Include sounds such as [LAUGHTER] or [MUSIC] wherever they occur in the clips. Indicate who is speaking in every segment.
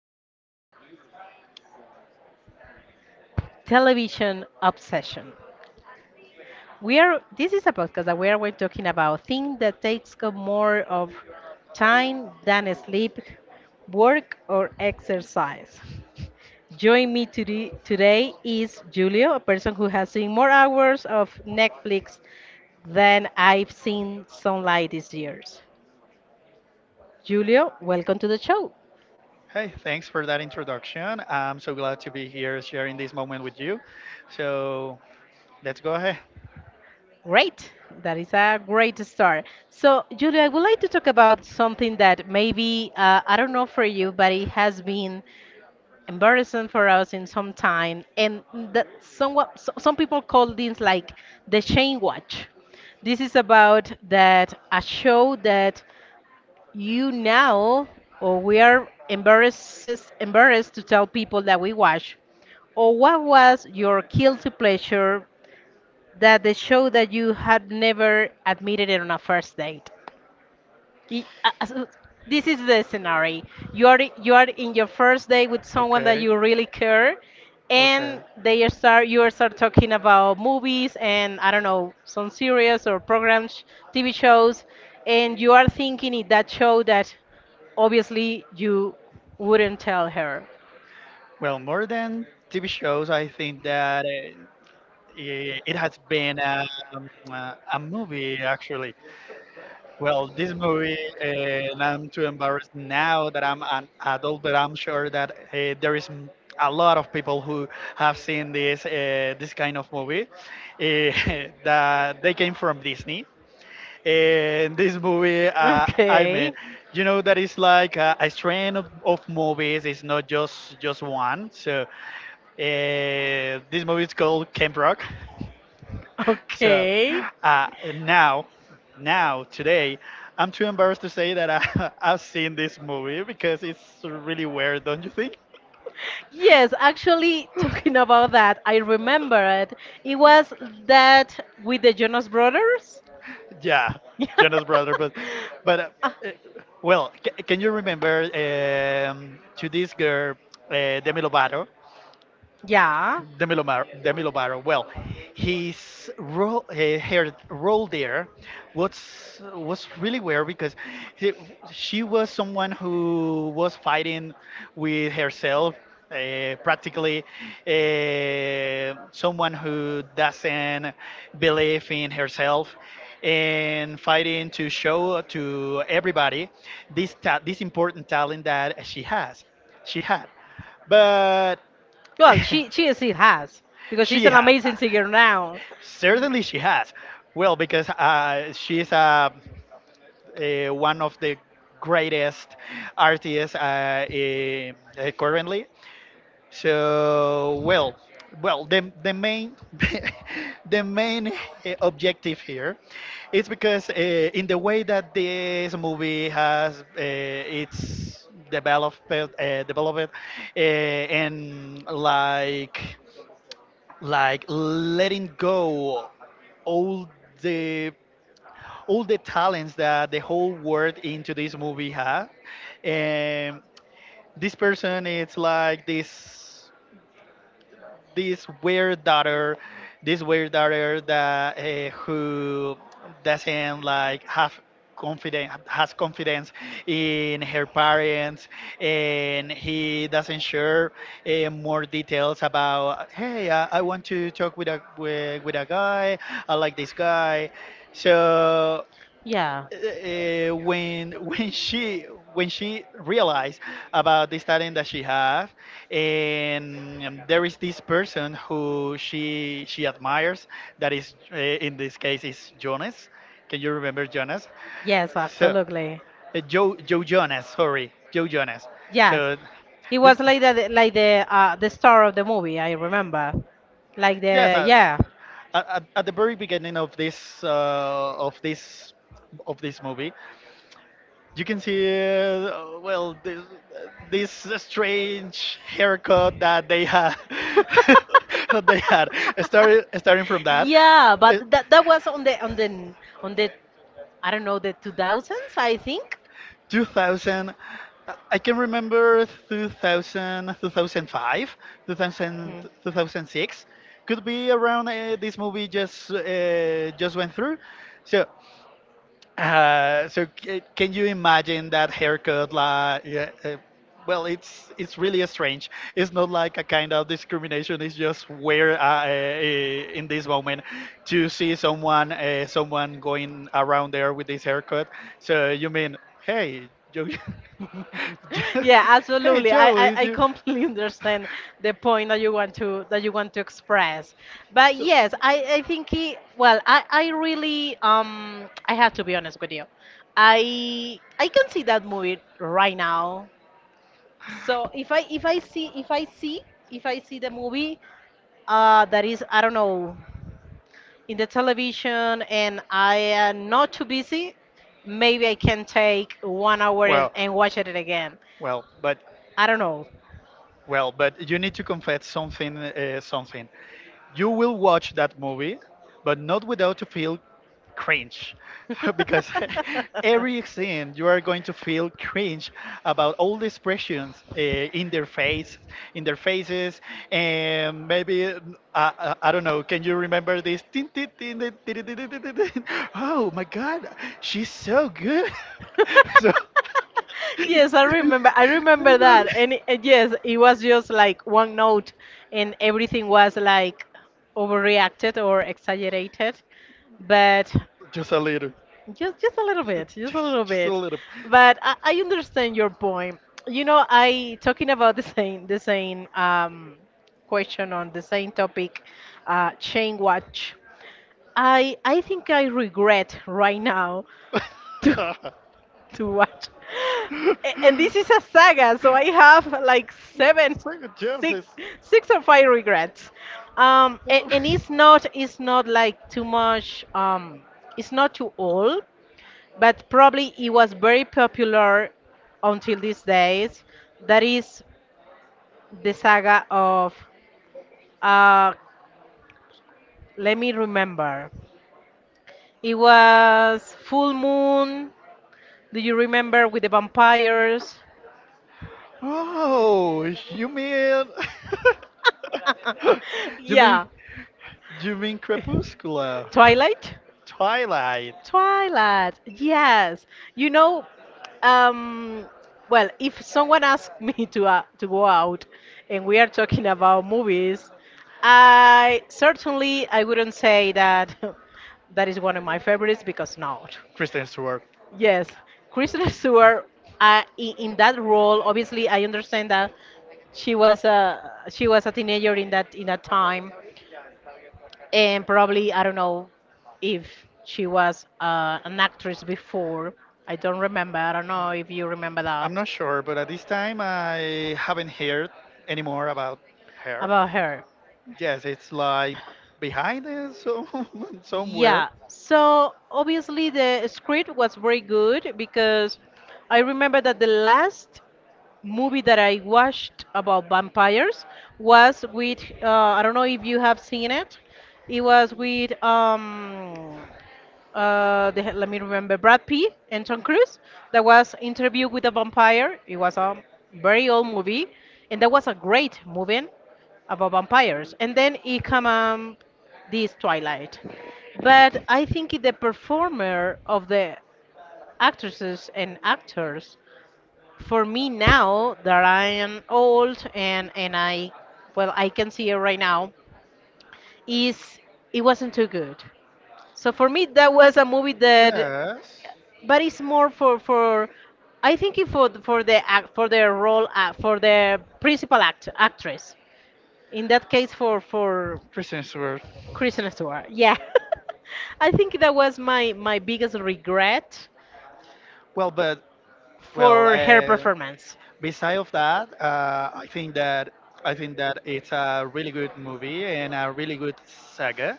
Speaker 1: the television obsession. We are this is a podcast that we're talking about things that takes up more of time than sleep, work or exercise. Join me today. Today is Julio, a person who has seen more hours of Netflix than I've seen sunlight these years. Julio, welcome to the show.
Speaker 2: Hey, thanks for that introduction. I'm so glad to be here sharing this moment with you. So let's go ahead.
Speaker 1: Great. That is a great start. So, Julia, I would like to talk about something that maybe, I don't know for you, but it has been embarrassing for us in some time. And some people call this like the shame watch. This is about that a show that you now, or we are embarrassed to tell people that we watch. Or what was your guilty pleasure that the show that you had never admitted it on a first date. Y- uh, so This is the scenario. You are in your first date with someone that
Speaker 2: Okay.
Speaker 1: you really care,
Speaker 2: Okay.
Speaker 1: and they start you start talking about movies and I don't know some series or programs, TV shows, and you are thinking in that show that obviously you wouldn't tell her.
Speaker 2: Well, more than TV shows, I think that it has been a movie actually. Well, this movie, and I'm too embarrassed now that I'm an adult, but I'm sure that there is a lot of people who have seen this kind of movie. Uh, [LAUGHS] that they came from Disney. And this movie, I mean, you know that it's like a strain of movies. It's not just one. So this movie is called Camp Rock. So
Speaker 1: Okay.
Speaker 2: uh, now, now today, I'm too embarrassed to say that I, [LAUGHS] I've seen this movie because it's really weird, don't you think?
Speaker 1: Yes, actually, talking about that, I remember it. It was that with the Jonas Brothers.
Speaker 2: Yeah,
Speaker 1: [LAUGHS]
Speaker 2: Jonas Brother, but but uh,
Speaker 1: Ah,
Speaker 2: uh, well, can you remember to this girl Demi Lovato?
Speaker 1: yeah.
Speaker 2: Demi Lovato. Demi Lovato. Well, her role there, was really weird because he, she was someone who was fighting with herself, practically someone who doesn't believe in herself, and fighting to show to everybody this important talent that she had, but.
Speaker 1: Well,
Speaker 2: [LAUGHS]
Speaker 1: she has because she's
Speaker 2: She
Speaker 1: an
Speaker 2: has.
Speaker 1: amazing singer now.
Speaker 2: Certainly she has. Well, because she is one of the greatest artists currently. So, well, well, the main [LAUGHS] the main objective here is because in the way that this movie has its developed developed and like letting go all the all the talents that the whole world into this movie had and this person is like this weird daughter, this weird daughter that who doesn't like have confidence has confidence in her parents and he doesn't share more details about hey I want to talk with with a guy. I like this guy. So
Speaker 1: Yeah.
Speaker 2: when [LAUGHS] when she realized about this talent that she has, and there is this person who she admires that is in this case is Jonas. Can you remember Jonas?
Speaker 1: Yes,
Speaker 2: So
Speaker 1: absolutely.
Speaker 2: Joe Jonas.
Speaker 1: Yes.
Speaker 2: So
Speaker 1: It
Speaker 2: this.
Speaker 1: was like the star of the movie, I remember. Like
Speaker 2: Yes,
Speaker 1: the Yeah.
Speaker 2: at the very beginning of this of this of this movie you can see well, this strange haircut that they had, [LAUGHS]
Speaker 1: [LAUGHS]
Speaker 2: that they had, starting from that.
Speaker 1: Yeah, but
Speaker 2: it,
Speaker 1: that was on the, I don't know, the 2000s, I think.
Speaker 2: 2000, I can remember, 2000, 2005, 2000, 2006 could be around. Uh, this movie just went through. So can you imagine that haircut? Like, yeah, well, it's really strange. It's not like a kind of discrimination. It's just where in this moment to see someone someone going around there with this haircut. So you mean, hey, Joe, [LAUGHS]
Speaker 1: [LAUGHS]
Speaker 2: Jo-
Speaker 1: Yeah,
Speaker 2: hey
Speaker 1: absolutely. I,
Speaker 2: Joe,
Speaker 1: I,
Speaker 2: is
Speaker 1: I
Speaker 2: you?
Speaker 1: completely [LAUGHS] understand the point that you want to express. But yes, I think he, well, I really I have to be honest with you. I can see that movie right now. So if I see if I see if I see the movie that is, I don't know, in the television and I am not too busy, maybe I can take 1 hour and,
Speaker 2: Well,
Speaker 1: and watch it again.
Speaker 2: well, but.
Speaker 1: I don't know.
Speaker 2: Well, but you need to confess something. Something. You will watch that movie, but not without to feel cringe, [LAUGHS] because [LAUGHS] every scene you are going to feel cringe about all the expressions in their faces, and maybe I don't know. Can you remember this? Tin, tin, tin, tin, tin, tin, tin, tin, tin, tin. Oh my God, she's so good. [LAUGHS] So.
Speaker 1: [LAUGHS] [LAUGHS]
Speaker 2: [LAUGHS]
Speaker 1: Yes, I
Speaker 2: It's-
Speaker 1: remember. I
Speaker 2: it's
Speaker 1: remember
Speaker 2: really-
Speaker 1: that. And yes, it was just like one note, and everything was like overreacted or exaggerated, but
Speaker 2: Just a little.
Speaker 1: just a
Speaker 2: [LAUGHS]
Speaker 1: little bit, just a
Speaker 2: Just,
Speaker 1: little
Speaker 2: just a
Speaker 1: bit.
Speaker 2: little.
Speaker 1: But I understand your point. You know, I talking about the same question on the same topic, chain watch. I think I regret right now to [LAUGHS]
Speaker 2: [LAUGHS]
Speaker 1: [LAUGHS] to watch. And this is a saga, so I have like seven,
Speaker 2: It's like a James.
Speaker 1: six,
Speaker 2: It's.
Speaker 1: six or five regrets. Um,
Speaker 2: What
Speaker 1: and, and
Speaker 2: the-
Speaker 1: it's
Speaker 2: [LAUGHS]
Speaker 1: not, it's not like too much. It's not too old, but probably it was very popular until these days. That is the saga of. Uh, Let me remember. It was full moon. Do you remember with the vampires?
Speaker 2: oh, you mean
Speaker 1: [LAUGHS]
Speaker 2: [LAUGHS] you mean
Speaker 1: Yeah.
Speaker 2: you mean Crepuscula,
Speaker 1: Twilight?
Speaker 2: Twilight,
Speaker 1: Twilight. Yes. You know, um, well, if someone asked me to go out and we are talking about movies, I certainly I wouldn't say that [LAUGHS] that is one of my favorites because not.
Speaker 2: Kristen Stewart.
Speaker 1: Yes, Kristen Stewart. In that role, obviously, I understand that she was a teenager in that time, and probably I don't know if she was an actress before. I don't remember. I don't know if you remember
Speaker 2: I'm
Speaker 1: that
Speaker 2: not sure, but at this time I haven't heard any more about her.
Speaker 1: about her.
Speaker 2: Yes, it's like behind us so, [LAUGHS] somewhere.
Speaker 1: Yeah. So obviously the script was very good because I remember that the last movie that I watched about vampires was with, I don't know if you have seen it. It was with the, let me remember, Brad Pitt and Tom Cruise, that was Interview with a Vampire. It was a very old movie, and that was a great movie about vampires. And then it come, this Twilight, but I think the performer of the actresses and actors, for me now that I am old and I, well, I can see it right now, is it wasn't too good. So for me that was a movie that,
Speaker 2: Yes,
Speaker 1: but it's more for I think it for the act for their role, for the principal actress, in that case, for for
Speaker 2: Kristen Stewart.
Speaker 1: Kristen Stewart, yeah. [LAUGHS] I think that was my biggest regret
Speaker 2: Well, but well,
Speaker 1: for her performance,
Speaker 2: beside of that, I think that it's a really good movie and a really good saga.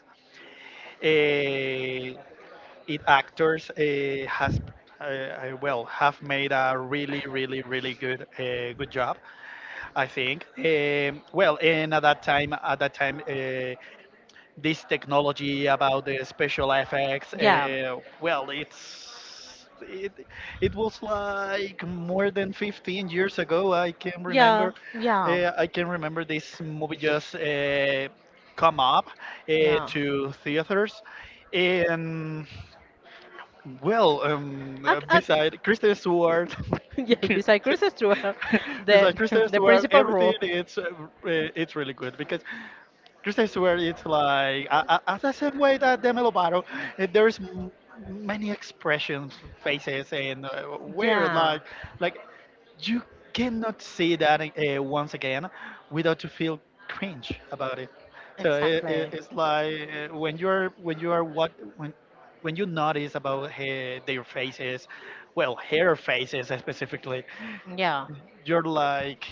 Speaker 2: Uh, it actors has well, have made a really good good job, I think. Well, and at that time this technology about the special effects
Speaker 1: yeah.
Speaker 2: it was like more than 15 years ago, I can
Speaker 1: Yeah,
Speaker 2: remember.
Speaker 1: yeah.
Speaker 2: I can remember this movie just come up
Speaker 1: Yeah.
Speaker 2: to theaters, and well,
Speaker 1: Ac- ac-
Speaker 2: beside Kristen Stewart,
Speaker 1: [LAUGHS] yes,
Speaker 2: [LAUGHS]
Speaker 1: beside Chris Stewart,
Speaker 2: [LAUGHS]
Speaker 1: the
Speaker 2: besides Kristen
Speaker 1: [LAUGHS] the
Speaker 2: Stewart,
Speaker 1: principal
Speaker 2: everything
Speaker 1: role.
Speaker 2: it's it's really good because Chris, I swear it's like the same way that Demi Lovato. There's many expressions, faces, and weird,
Speaker 1: Yeah.
Speaker 2: like you cannot see that once again without to feel cringe about it. So it, it,
Speaker 1: Exactly.
Speaker 2: it's like when you're when you are what, when when you notice about their faces, well, hair faces specifically,
Speaker 1: Yeah.
Speaker 2: you're like.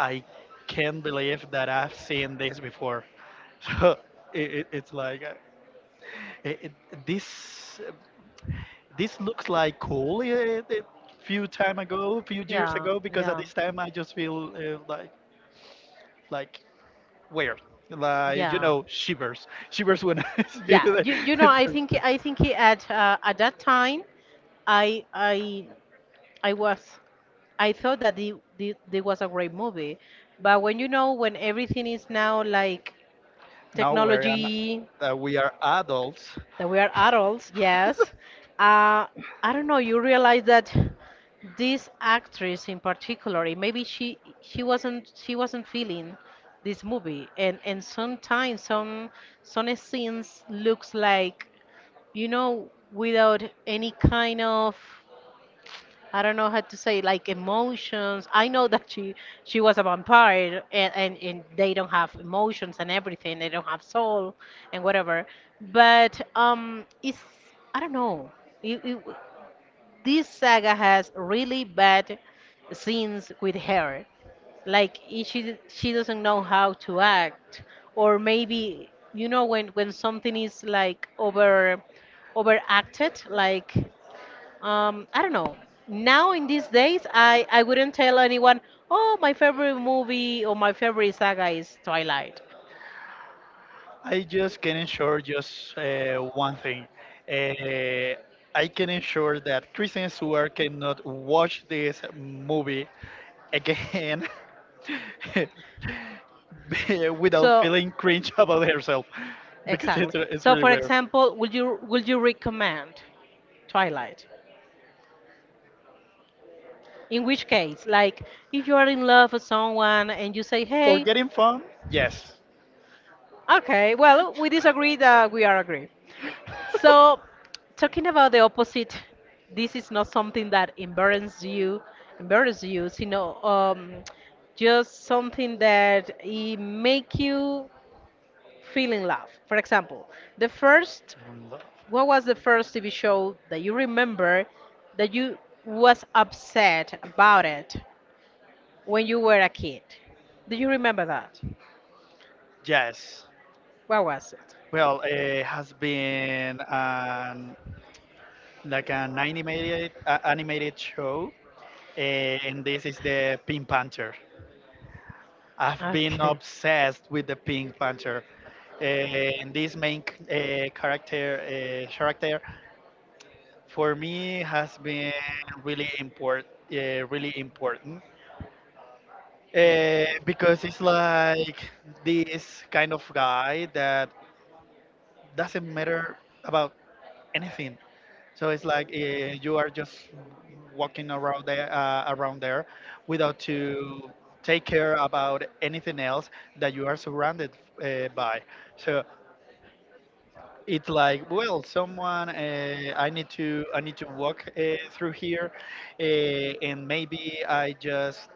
Speaker 2: I can't believe that I've seen this before. [LAUGHS] So it's like it, it, this this looks like cool a few time ago, few years
Speaker 1: Yeah.
Speaker 2: ago, because at
Speaker 1: Yeah.
Speaker 2: this time I just feel like weird, like you
Speaker 1: Yeah.
Speaker 2: know shivers, shivers when [LAUGHS] I see
Speaker 1: Yeah.
Speaker 2: the.
Speaker 1: You know I think at that time I I I was. I thought that the was a great movie, but when you know when everything is now
Speaker 2: [LAUGHS]
Speaker 1: like
Speaker 2: Now we're an,
Speaker 1: technology,
Speaker 2: that we are adults,
Speaker 1: that we are adults, yes, uh, I don't know. You realize that this actress in particular, maybe she wasn't feeling this movie, and sometimes some scenes looks like, you know, without any kind of, I don't know how to say, like emotions. I know that she was a vampire and they don't have emotions and everything. They don't have soul and whatever. But it's, I don't know. You, you, this saga has really bad scenes with her. Like, she doesn't know how to act, or maybe you know when something is like overacted, like, I don't know. Now in these days, I wouldn't tell anyone, oh, my favorite movie or my favorite saga is Twilight. [LAUGHS]
Speaker 2: I just can ensure just one thing. Uh, I can ensure that Kristen Stewart cannot watch this movie again [LAUGHS] without
Speaker 1: So,
Speaker 2: feeling cringe about herself because
Speaker 1: exactly.
Speaker 2: it's
Speaker 1: So,
Speaker 2: really
Speaker 1: for
Speaker 2: weird.
Speaker 1: example, would you recommend Twilight? In which case, like, if you are in love with someone and you say,
Speaker 2: For
Speaker 1: hey,
Speaker 2: getting fun, yes.
Speaker 1: okay, well, we disagree that we are agree. So,
Speaker 2: [LAUGHS]
Speaker 1: talking about the opposite, this is not something that embarrasses you, you know, just something that it make you feel in love. For example, the first,
Speaker 2: Um, lo-
Speaker 1: what was the first TV show that you remember that you was upset about it when you were a kid? Do you remember that?
Speaker 2: Yes.
Speaker 1: What was it?
Speaker 2: Well, it has been an like an animated animated show, eh, and this is the Pink Panther. I've been
Speaker 1: Okay.
Speaker 2: obsessed with the Pink Panther. Eh, and this main c- character character for me has been really important, really important, because it's like this kind of guy that doesn't matter about anything. So it's like you are just walking around there without to take care about anything else that you are surrounded by. So it's like, well, someone, I need to walk through here, and maybe i just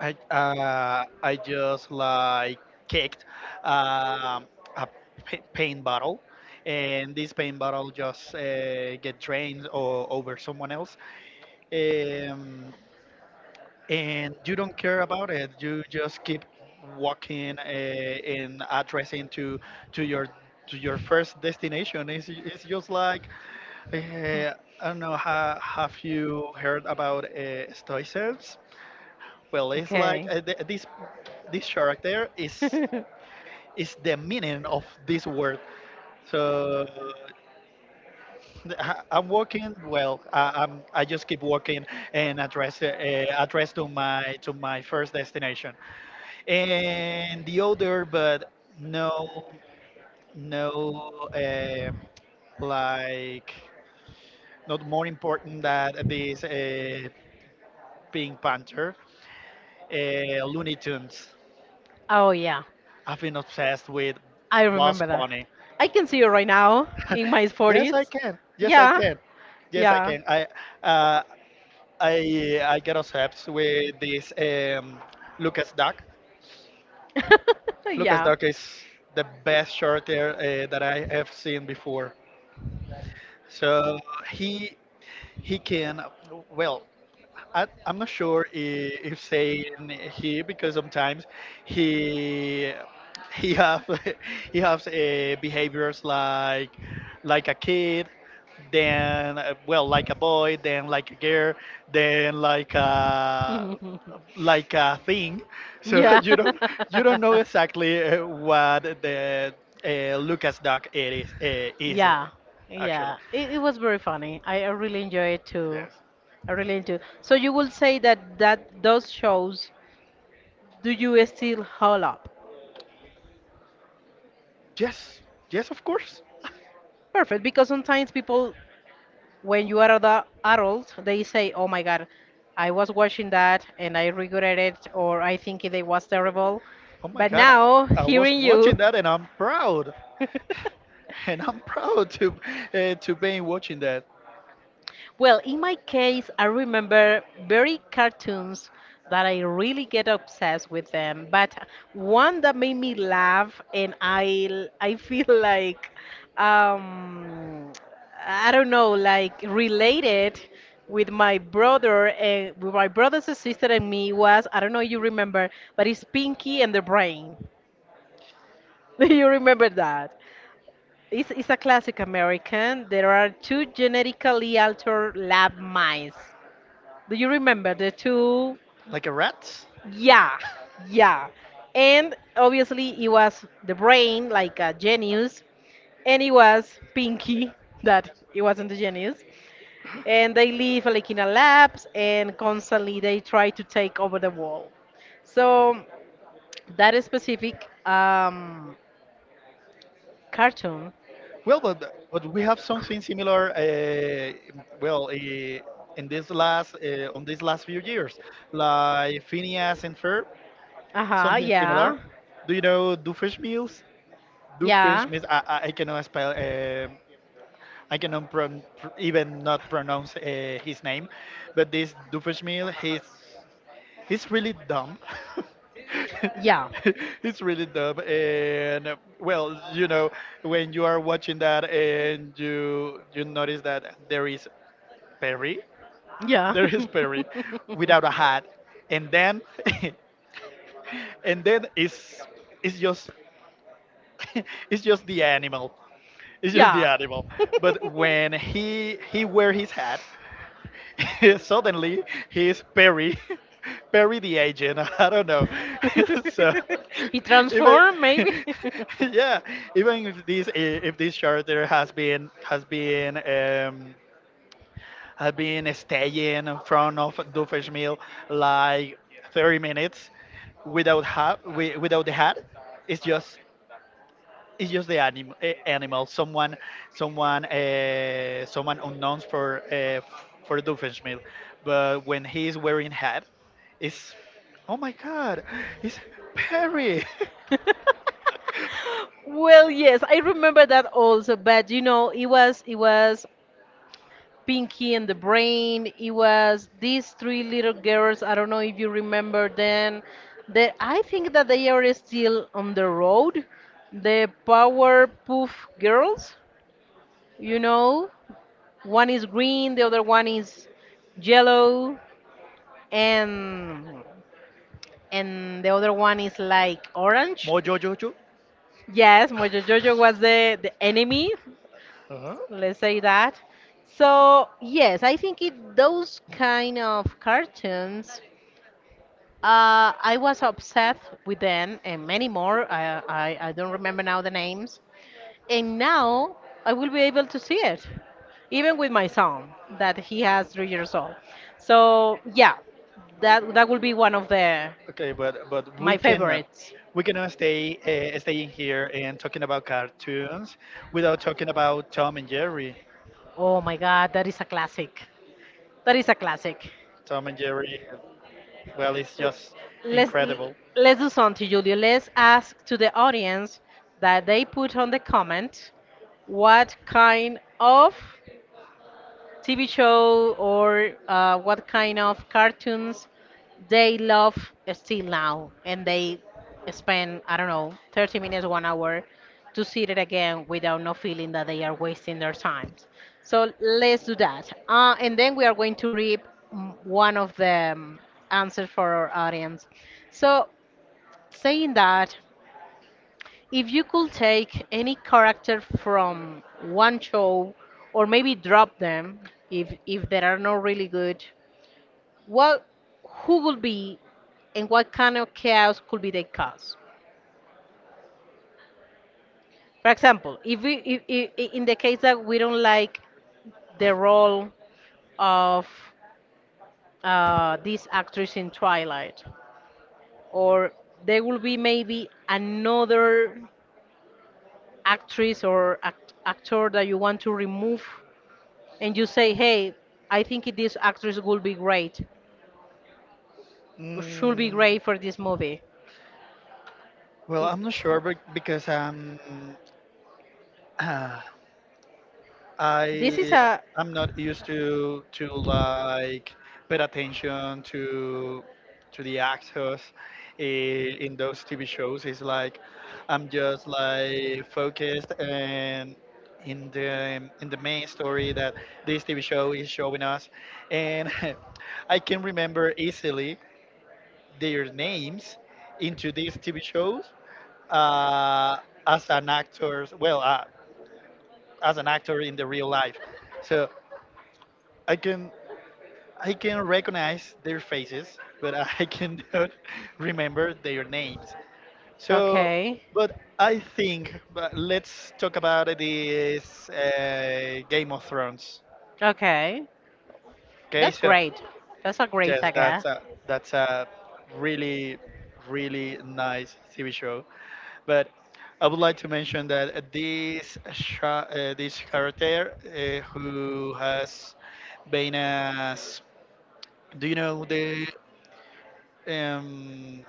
Speaker 2: I just like kicked um, a paint bottle, and this paint bottle just get drained or over someone else, um, and you don't care about it. You just keep walking and addressing to to your to your first destination. It's just like
Speaker 1: Hmm.
Speaker 2: I don't know. Have you heard about stoicism? Well,
Speaker 1: [LAUGHS]
Speaker 2: it's like this character
Speaker 1: is
Speaker 2: is the meaning of this word. So I- I'm walking. Well, I'm. I just keep walking and address to my first destination. And the other, but no, no, uh, like, not more important than this Pink Panther, Looney Tunes.
Speaker 1: [LAUGHS] Oh yeah,
Speaker 2: I've been obsessed with
Speaker 1: I
Speaker 2: boss
Speaker 1: remember that.
Speaker 2: bunny.
Speaker 1: I can see you right now in
Speaker 2: [LAUGHS]
Speaker 1: my
Speaker 2: Yes,
Speaker 1: 40s. [LAUGHS]
Speaker 2: I
Speaker 1: it's
Speaker 2: can, yes, I
Speaker 1: Yeah,
Speaker 2: can, yes I can. I uh, i i get obsessed with this Lucas Duck.
Speaker 1: [LAUGHS]
Speaker 2: Lucas
Speaker 1: yeah.
Speaker 2: Duck is the best short hair that I have seen before. So he. He can, well, I'm not sure if saying he, because sometimes he he have [LAUGHS] he has behaviors like a kid, then well, like a boy, then like a girl, then like a thing. So
Speaker 1: [LAUGHS] Yeah.
Speaker 2: [LAUGHS] you don't know exactly what the
Speaker 1: [LAUGHS]
Speaker 2: Lucas Duck it is uh, is uh,
Speaker 1: Yeah,
Speaker 2: actually.
Speaker 1: yeah. It was very funny. I really enjoy it too. I really do. So you will say that those shows, do you still hold up?
Speaker 2: Yes, yes, of course. [LAUGHS]
Speaker 1: Perfect, because sometimes people, when you are the adult, they say, "Oh my God, I was watching that and I regret it, or I think it was terrible."
Speaker 2: Oh my
Speaker 1: But
Speaker 2: God,
Speaker 1: now,
Speaker 2: I was
Speaker 1: hearing you...
Speaker 2: watching that and I'm proud. [LAUGHS]
Speaker 1: [LAUGHS]
Speaker 2: And I'm proud to be watching that,
Speaker 1: Well, in my case, I remember very cartoons that I really get obsessed with them, but one that made me laugh and I [LAUGHS] feel like, um I don't know, like related with my brother and with my brother's sister and me, was, I don't know if you remember, but it's Pinky and the Brain. [LAUGHS] Do you remember that? It's a classic American. There are two genetically altered lab mice, do you remember the two?
Speaker 2: like a rat.
Speaker 1: Yeah, yeah. And obviously, it was the brain, like a genius, and it was Pinky [LAUGHS] that it wasn't the genius. And they live like in a labs, and constantly they try to take over the world. So that specific, cartoon.
Speaker 2: Well, but we have something similar. Well, in this last on these last few years, like Phineas and Ferb,
Speaker 1: Uh huh.
Speaker 2: something similar.
Speaker 1: Yeah.
Speaker 2: Do you know Doofenshmirtz?
Speaker 1: Yeah.
Speaker 2: Doofenshmirtz. I cannot spell. Um, I cannot even not pronounce his name, but this Doofenshmirtz, he's really dumb.
Speaker 1: Yeah.
Speaker 2: [LAUGHS] It's really dumb, and well, you know, when you are watching that and you notice that there is Perry, [LAUGHS] there is Perry, without a hat, and then [LAUGHS] and then it's just [LAUGHS] it's just the animal. It's just the
Speaker 1: Yeah.
Speaker 2: animal. But when he wear his hat, [LAUGHS] suddenly
Speaker 1: [LAUGHS]
Speaker 2: he's
Speaker 1: Yeah.
Speaker 2: Perry, [LAUGHS] Perry the agent. [LAUGHS] I don't know. [LAUGHS] So
Speaker 1: [LAUGHS] [LAUGHS] He
Speaker 2: [LAUGHS] even
Speaker 1: transformed, maybe?
Speaker 2: [LAUGHS] yeah, even if
Speaker 1: [LAUGHS]
Speaker 2: this character has been has been staying in front of Doofenshmirtz like 30 minutes without hat, without the hat, it's just it's just the animal. Someone, someone, someone unknowns for for Doofenshmirtz. But when he is wearing hat, it's, oh my God, it's Perry.
Speaker 1: Well, yes, I remember that also, but you know, it was Pinky and the Brain. It was these three little girls. I don't know if you remember them. That I think that they are still on the road. The Powerpuff Girls, you know. One is green, the other one is yellow, and and the other one is like
Speaker 2: [LAUGHS]
Speaker 1: orange.
Speaker 2: Mojo Jojo.
Speaker 1: Yes, Mojo Jojo was the enemy,
Speaker 2: Uh-huh.
Speaker 1: let's say that. So yes, I think it those kind of cartoons. I was obsessed with them and many more. I don't remember now the names. And now I will be able to see it, even with my son that he has 3 years old. So yeah, that will be one of the
Speaker 2: Okay, but we
Speaker 1: my
Speaker 2: cannot
Speaker 1: favorites.
Speaker 2: we cannot stay staying here and talking about cartoons without talking about Tom and Jerry.
Speaker 1: Oh my God, that is a classic. That is a classic.
Speaker 2: Tom and Jerry, well, it's just
Speaker 1: Let's l-
Speaker 2: incredible.
Speaker 1: let's do something, Julio. Let's ask to the audience that they put on the comment what kind of TV show or, what kind of cartoons they love still now and they spend, I don't know, 30 minutes, 1 hour, to see it again without no feeling that they are wasting their time. So let's do that, and then we are going to read, one of the, answers for our audience. So saying that, if you could take any character from one show, or maybe drop them if they are not really good, what who would be and what kind of chaos could be they cause? For example, if we if, I- in the case that we don't like the role of this actress in Twilight, or there will be maybe another actress or actor that you want to remove and you say, "Hey, I think this actress will be great, should be
Speaker 2: Mm,
Speaker 1: great for this movie."
Speaker 2: well,
Speaker 1: It-
Speaker 2: I'm not sure because I'm [SIGHS] I.
Speaker 1: this is a
Speaker 2: I'm not used to like pay attention to the actors in those TV shows. It's like I'm just like focused and in the main story that this TV show is showing us, and [LAUGHS] I can remember easily their names into these TV shows uh, as an actor, as an actor in the real life. So I can I can recognize their faces, but I [LAUGHS] cannot remember their names. So,
Speaker 1: okay.
Speaker 2: but I think but let's talk about this Game of Thrones.
Speaker 1: Okay,
Speaker 2: Okay,
Speaker 1: that's
Speaker 2: so
Speaker 1: great. That's a great
Speaker 2: yes, that's
Speaker 1: saga.
Speaker 2: a that's a really nice TV show. But I would like to mention that this character who has been as, do you know the, um,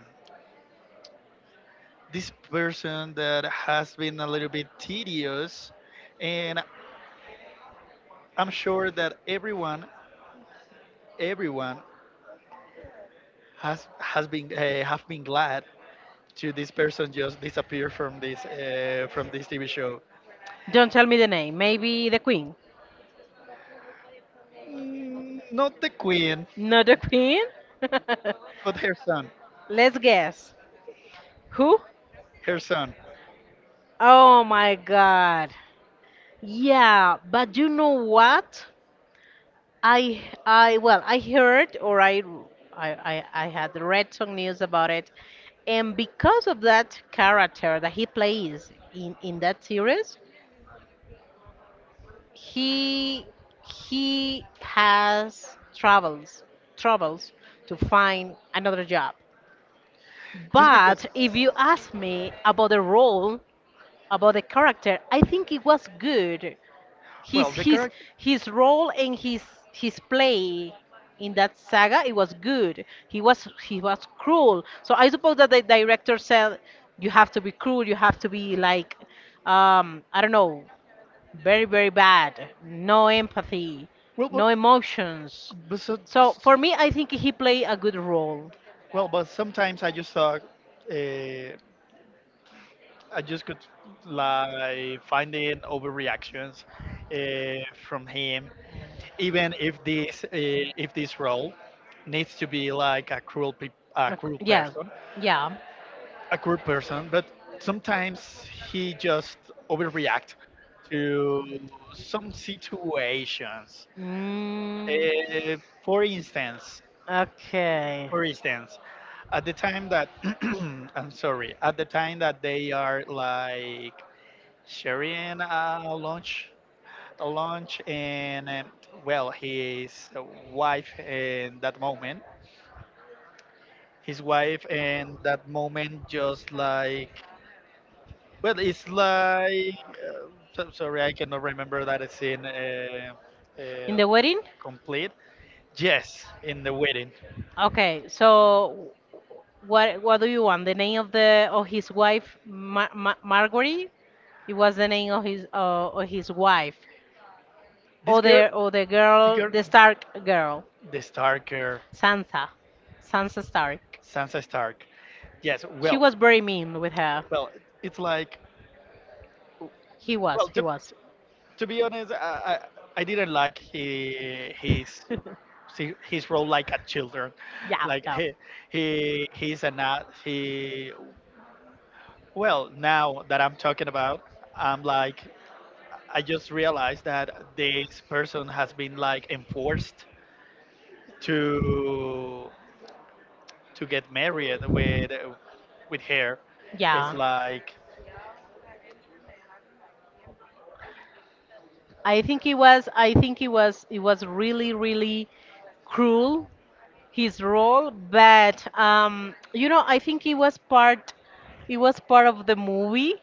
Speaker 2: this person that has been a little bit tedious, and I'm sure that everyone has been have been glad to this person just disappear from this TV show.
Speaker 1: Don't tell me the name. Maybe the queen.
Speaker 2: Mm, not the queen,
Speaker 1: Not the queen? [LAUGHS]
Speaker 2: but her son,
Speaker 1: Let's guess. Who?
Speaker 2: her son.
Speaker 1: Oh my god. Yeah, but you know what? I Well, I heard or I had read some news about it. And because of that character that he plays in that series, He he has troubles to find another job.
Speaker 2: Just because,
Speaker 1: But if you ask me about the role, about the character, I think it was good. His
Speaker 2: well, the
Speaker 1: his
Speaker 2: character,
Speaker 1: his role and his play in that saga, it was good. He was cruel. So I suppose that the director said you have to be cruel, you have to be like I don't know, very, very bad. No empathy,
Speaker 2: well,
Speaker 1: no emotions.
Speaker 2: but so,
Speaker 1: So for me, I think he played a good role.
Speaker 2: well, but sometimes I just thought, uh, I just could like finding overreactions, uh, from him, even if this role needs to be like a a cruel
Speaker 1: Yeah,
Speaker 2: person,
Speaker 1: yeah.
Speaker 2: a cruel person, but sometimes he just overreact to some situations.
Speaker 1: Mm,
Speaker 2: Uh, for instance,
Speaker 1: okay.
Speaker 2: for instance, at the time that [CLEARS THROAT] I'm sorry, at the time that they are like sharing a lunch, and well, wife in that moment, his wife in that moment just like, well, it's like so- sorry, I cannot remember that scene
Speaker 1: In
Speaker 2: uh,
Speaker 1: the wedding?
Speaker 2: complete. Yes, in the wedding.
Speaker 1: Okay, so what do you want? The name of the of his wife, Marguerite? It was the name of his wife,
Speaker 2: This girl,
Speaker 1: or the girl,
Speaker 2: Tiger,
Speaker 1: the Stark girl,
Speaker 2: the Starker,
Speaker 1: Sansa, Sansa Stark.
Speaker 2: Sansa Stark. Yes,
Speaker 1: She
Speaker 2: well,
Speaker 1: was very mean with her.
Speaker 2: well, it's like,
Speaker 1: He was,
Speaker 2: well,
Speaker 1: he was. [LAUGHS]
Speaker 2: to be honest, I didn't like he, his, see his role like a children,
Speaker 1: Yeah,
Speaker 2: like
Speaker 1: yeah,
Speaker 2: he's a not he, well now that I'm talking about, I'm like I just realized that this person has been like enforced to get married with hair, it's
Speaker 1: yeah.
Speaker 2: like,
Speaker 1: I think it was. I think it was. It was really, really cruel his role, but you know, I think he was part of the movie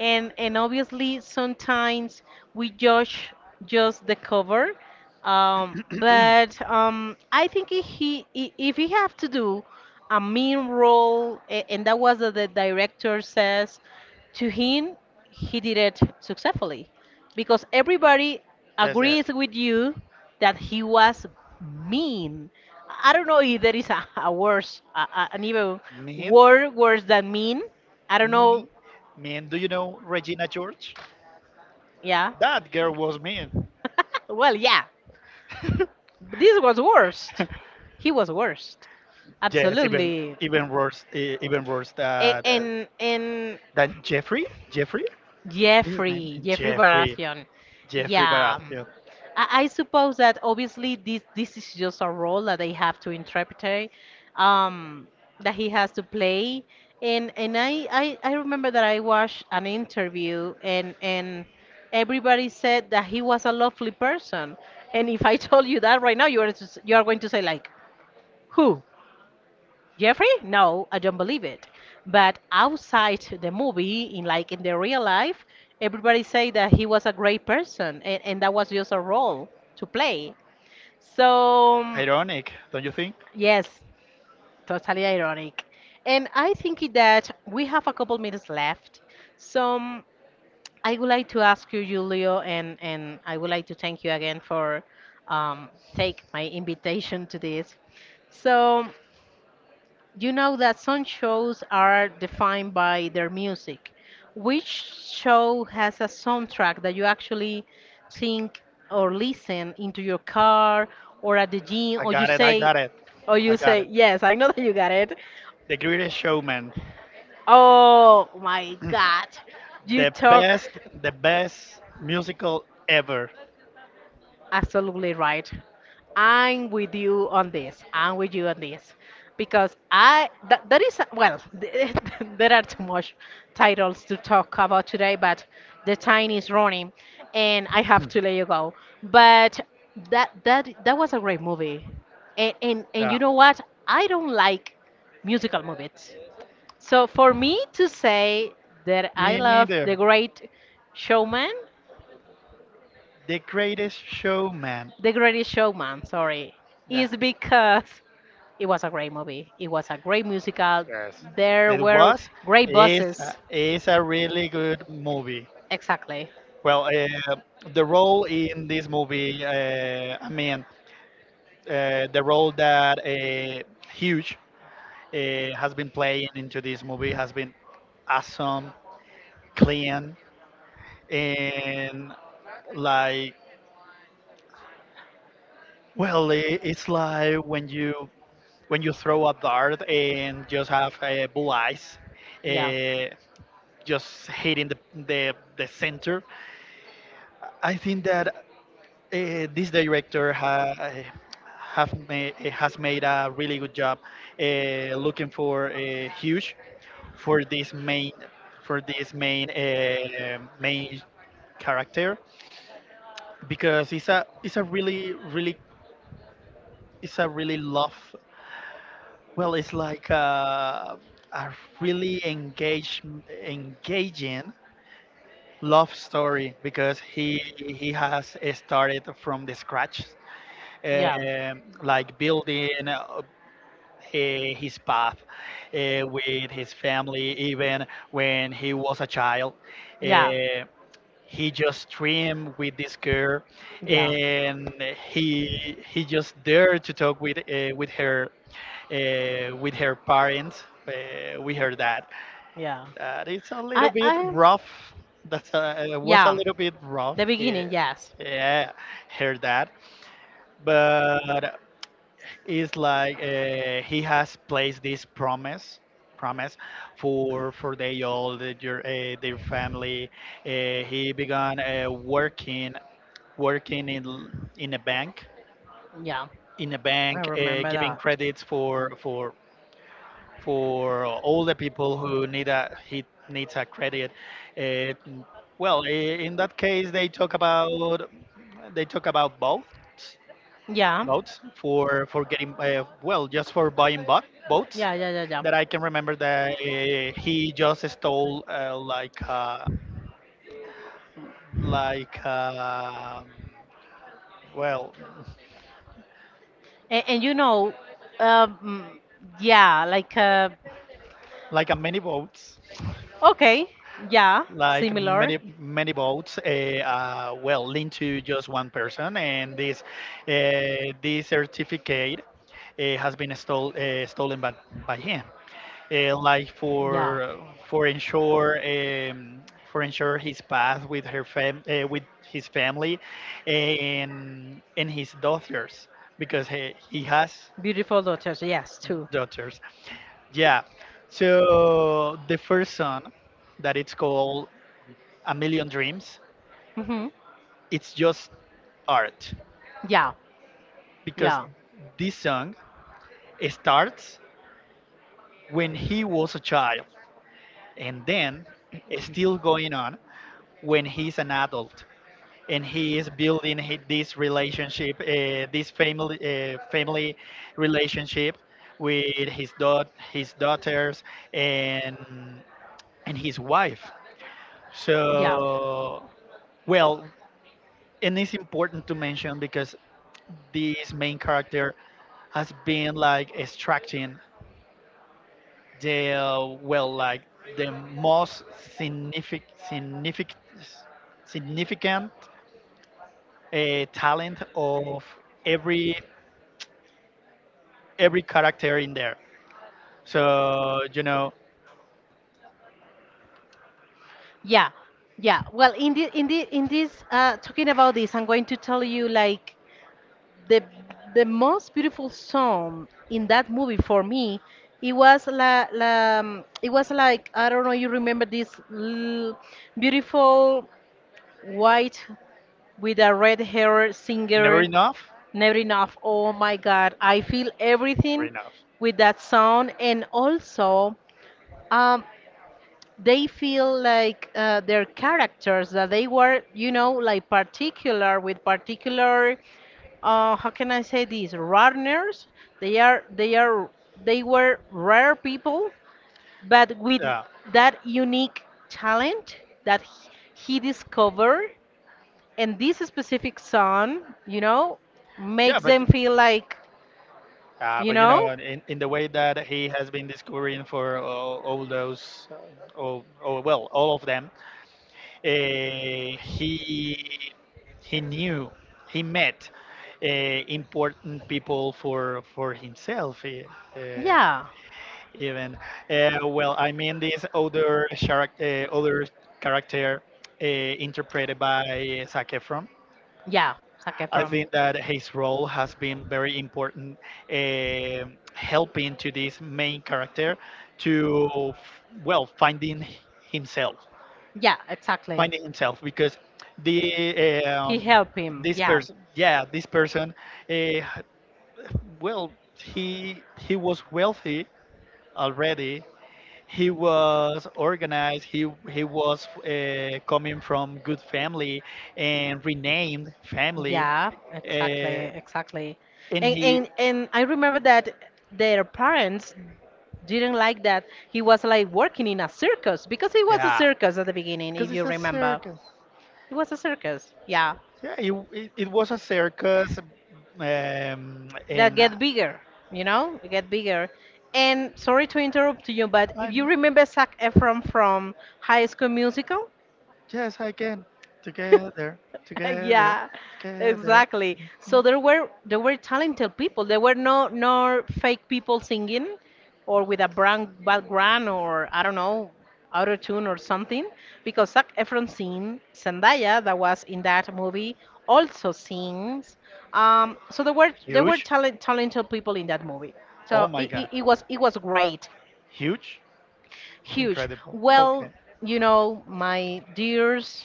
Speaker 1: and obviously sometimes we judge just the cover but I think if he if he have to do a mean role and that was what the director says to him he did it successfully because everybody
Speaker 2: just as
Speaker 1: agrees with you that he was mean I don't know if there is a worse an even
Speaker 2: mean,
Speaker 1: word worse than mean I don't know
Speaker 2: mean mean. Do you know Regina George?
Speaker 1: yeah.
Speaker 2: That girl was mean.
Speaker 1: Well, yeah,
Speaker 2: [LAUGHS]
Speaker 1: but this was worst. He was worst.
Speaker 2: yes,
Speaker 1: Absolutely.
Speaker 2: even worse, even worse
Speaker 1: A-
Speaker 2: than
Speaker 1: And and
Speaker 2: Jeffrey Jeffrey. His name
Speaker 1: Jeffrey, Jeffrey
Speaker 2: Jeffrey,
Speaker 1: Baratheon.
Speaker 2: Jeffrey
Speaker 1: Yeah.
Speaker 2: Baratheon.
Speaker 1: I suppose that obviously this is just a role that they have to interpret, um, that he has to play. And I remember that I watched an interview and everybody said that he was a lovely person. And if I [LAUGHS] told you that right now, you are just, you are going to say like, who? Jeffrey? No, I don't believe it. But outside the movie, in like in the real life, everybody say that he was a great person, and that was just a role to play. So
Speaker 2: Ironic, don't you think?
Speaker 1: yes, totally ironic. And I think that we have a couple minutes left. So I would like to ask you, Julio, and I would like to thank you again for take my invitation to this. So you know that some shows are defined by their music. Which show has a soundtrack that you actually think or listen into your car or at the gym
Speaker 2: i got it i got it
Speaker 1: or
Speaker 2: I
Speaker 1: you
Speaker 2: got
Speaker 1: say,
Speaker 2: it.
Speaker 1: yes, I know that you got it.
Speaker 2: The Greatest Showman.
Speaker 1: Oh my god.
Speaker 2: [CLEARS THROAT]
Speaker 1: You
Speaker 2: the
Speaker 1: talk
Speaker 2: best, the best musical ever.
Speaker 1: absolutely right. I'm with you on this. I'm with you on this because I that, that is well, [LAUGHS] there are too much titles to talk about today, but the time is running, and I have to
Speaker 2: [CLEARS THROAT]
Speaker 1: let you go. But that was a great movie, and and
Speaker 2: Yeah.
Speaker 1: you know what? I don't like musical movies. So for me to say that I
Speaker 2: Me
Speaker 1: love The
Speaker 2: neither.
Speaker 1: Great Showman,
Speaker 2: The Greatest Showman.
Speaker 1: The Greatest Showman, sorry,
Speaker 2: Yeah,
Speaker 1: is because it was a great movie. It was a great musical. There
Speaker 2: it
Speaker 1: were
Speaker 2: was.
Speaker 1: great bosses.
Speaker 2: It's a really good movie.
Speaker 1: Exactly.
Speaker 2: Well, the role in this movie, I mean, the role that Huge uh, has been playing into this movie has been awesome, clean, and like, well, it's like when you, when you throw a dart and just have blue eyes.
Speaker 1: Yeah.
Speaker 2: Uh, just hitting the center. I think that this director has made a really good job looking for Huge for this main, for this main character, because it's a, it's a really it's a really love, well it's like a really engage engaging love story, because he has started from the scratch,
Speaker 1: Yeah.
Speaker 2: like building his path with his family, even when he was a child.
Speaker 1: Yeah.
Speaker 2: uh, he just dreamed with this girl,
Speaker 1: Yeah.
Speaker 2: and he he just dared to talk with her, with her parents with her dad,
Speaker 1: Yeah.
Speaker 2: that is a little bit
Speaker 1: I
Speaker 2: rough. That's a, it was a
Speaker 1: yeah.
Speaker 2: little bit rough.
Speaker 1: The
Speaker 2: Yeah,
Speaker 1: beginning, yes.
Speaker 2: yeah, heard that. But it's like he has placed this promise for they all the, your their family. He began working in a bank,
Speaker 1: Yeah. I remember
Speaker 2: giving
Speaker 1: that.
Speaker 2: credits for for older people who need a, he needs a credit. Uh, well, in that case, they talk about boats,
Speaker 1: Yeah.
Speaker 2: boats for getting well, just for buying boats.
Speaker 1: Yeah, yeah, yeah, yeah.
Speaker 2: That I can remember that he just stole like um well,
Speaker 1: And you know, um, yeah, like
Speaker 2: like a mini boat,
Speaker 1: okay, yeah,
Speaker 2: like
Speaker 1: similar.
Speaker 2: many many votes well linked to just one person, and this this certificate has been stolen by him, like
Speaker 1: Yeah,
Speaker 2: for ensure, for ensure his path with with his family, and his daughters, because he has
Speaker 1: beautiful daughters. Yes, too.
Speaker 2: daughters, yeah. So the first son, that it's called A Million Dreams,
Speaker 1: Hmm.
Speaker 2: it's just art,
Speaker 1: Yeah,
Speaker 2: because
Speaker 1: yeah,
Speaker 2: this song starts when he was a child, and then is still going on when he's an adult, and he is building this relationship, this family family relationship with his daughters, and and his wife.
Speaker 1: yeah,
Speaker 2: So, well, and it's important to mention because this main character has been like extracting the well, like the most significant, significant talent of every every character in there, so you know.
Speaker 1: yeah, yeah. Well, in this talking about this, I'm going to tell you like the the most beautiful song in that movie for me it was la, la it was like I don't know you remember this beautiful white with a red hair
Speaker 2: Never
Speaker 1: singer.
Speaker 2: enough,
Speaker 1: Never enough. Oh my god, I feel
Speaker 2: never
Speaker 1: everything
Speaker 2: enough.
Speaker 1: with that song. And also um, they feel like their characters that they were you know like particular with particular how can I say this runners they are they were rare people but with that unique talent that he discovered and this specific song you know
Speaker 2: Yeah,
Speaker 1: makes them feel like you
Speaker 2: but you know,
Speaker 1: know.
Speaker 2: in the way that he has been discovering for all those, all, well, all of them, uh, he he knew, he met important people for himself. Eh, Uh,
Speaker 1: Yeah,
Speaker 2: even well, I mean this other other character uh, interpreted by Zac Efron.
Speaker 1: yeah, sake
Speaker 2: I
Speaker 1: from.
Speaker 2: think that his role has been very important, um, helping to this main character to, well, finding himself,
Speaker 1: Yeah, exactly.
Speaker 2: finding himself, because the,
Speaker 1: He
Speaker 2: um,
Speaker 1: helped him.
Speaker 2: this
Speaker 1: Yeah.
Speaker 2: person, yeah, this person, uh, well, he was wealthy already. He was organized. He was coming from good family, and renamed family.
Speaker 1: Yeah, exactly,
Speaker 2: Uh,
Speaker 1: exactly.
Speaker 2: and
Speaker 1: And
Speaker 2: he,
Speaker 1: and and I remember that their parents didn't like that he was like working in a circus because it was a
Speaker 2: yeah,
Speaker 1: circus at the beginning,
Speaker 2: because
Speaker 1: if you
Speaker 2: it's a
Speaker 1: remember.
Speaker 2: circus.
Speaker 1: It was a circus. Yeah.
Speaker 2: Yeah, it was a circus,
Speaker 1: That
Speaker 2: and
Speaker 1: get bigger, you know, get bigger. And sorry to interrupt you, but if you
Speaker 2: I'm,
Speaker 1: remember Zac Efron from High School Musical,
Speaker 2: yes, I can, together,
Speaker 1: [LAUGHS]
Speaker 2: together,
Speaker 1: yeah,
Speaker 2: together.
Speaker 1: exactly. So there were talented people. There were no no fake people singing or with a brand background or I don't know auto tune or something because Zac Efron sing, Zendaya that was in that movie also sings. So there were
Speaker 2: Huge.
Speaker 1: talented people in that movie.
Speaker 2: Oh
Speaker 1: So
Speaker 2: my God,
Speaker 1: it was great,
Speaker 2: huge,
Speaker 1: huge.
Speaker 2: incredible.
Speaker 1: Well,
Speaker 2: Okay,
Speaker 1: you know, my dears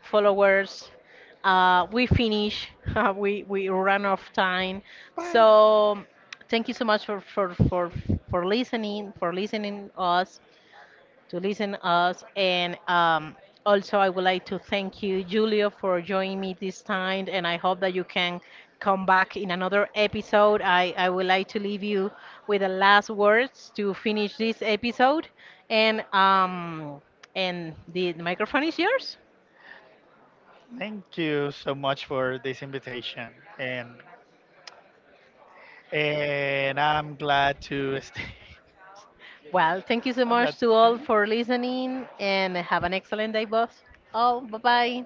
Speaker 1: followers. We finish. [LAUGHS] We run off time.
Speaker 2: bye.
Speaker 1: So thank you so much for for listening us to listen us and. Also, I would like to thank you, Julio, for joining me this time, and I hope that you can come back in another episode. I would like to leave you with the last words to finish this episode, and um, and the microphone is yours.
Speaker 2: Thank you so much for this invitation, and and I'm glad to stay.
Speaker 1: Well, thank you so
Speaker 2: [LAUGHS] I'm glad
Speaker 1: much
Speaker 2: to
Speaker 1: to all
Speaker 2: stay.
Speaker 1: for listening and have an excellent day, boss. All, bye bye.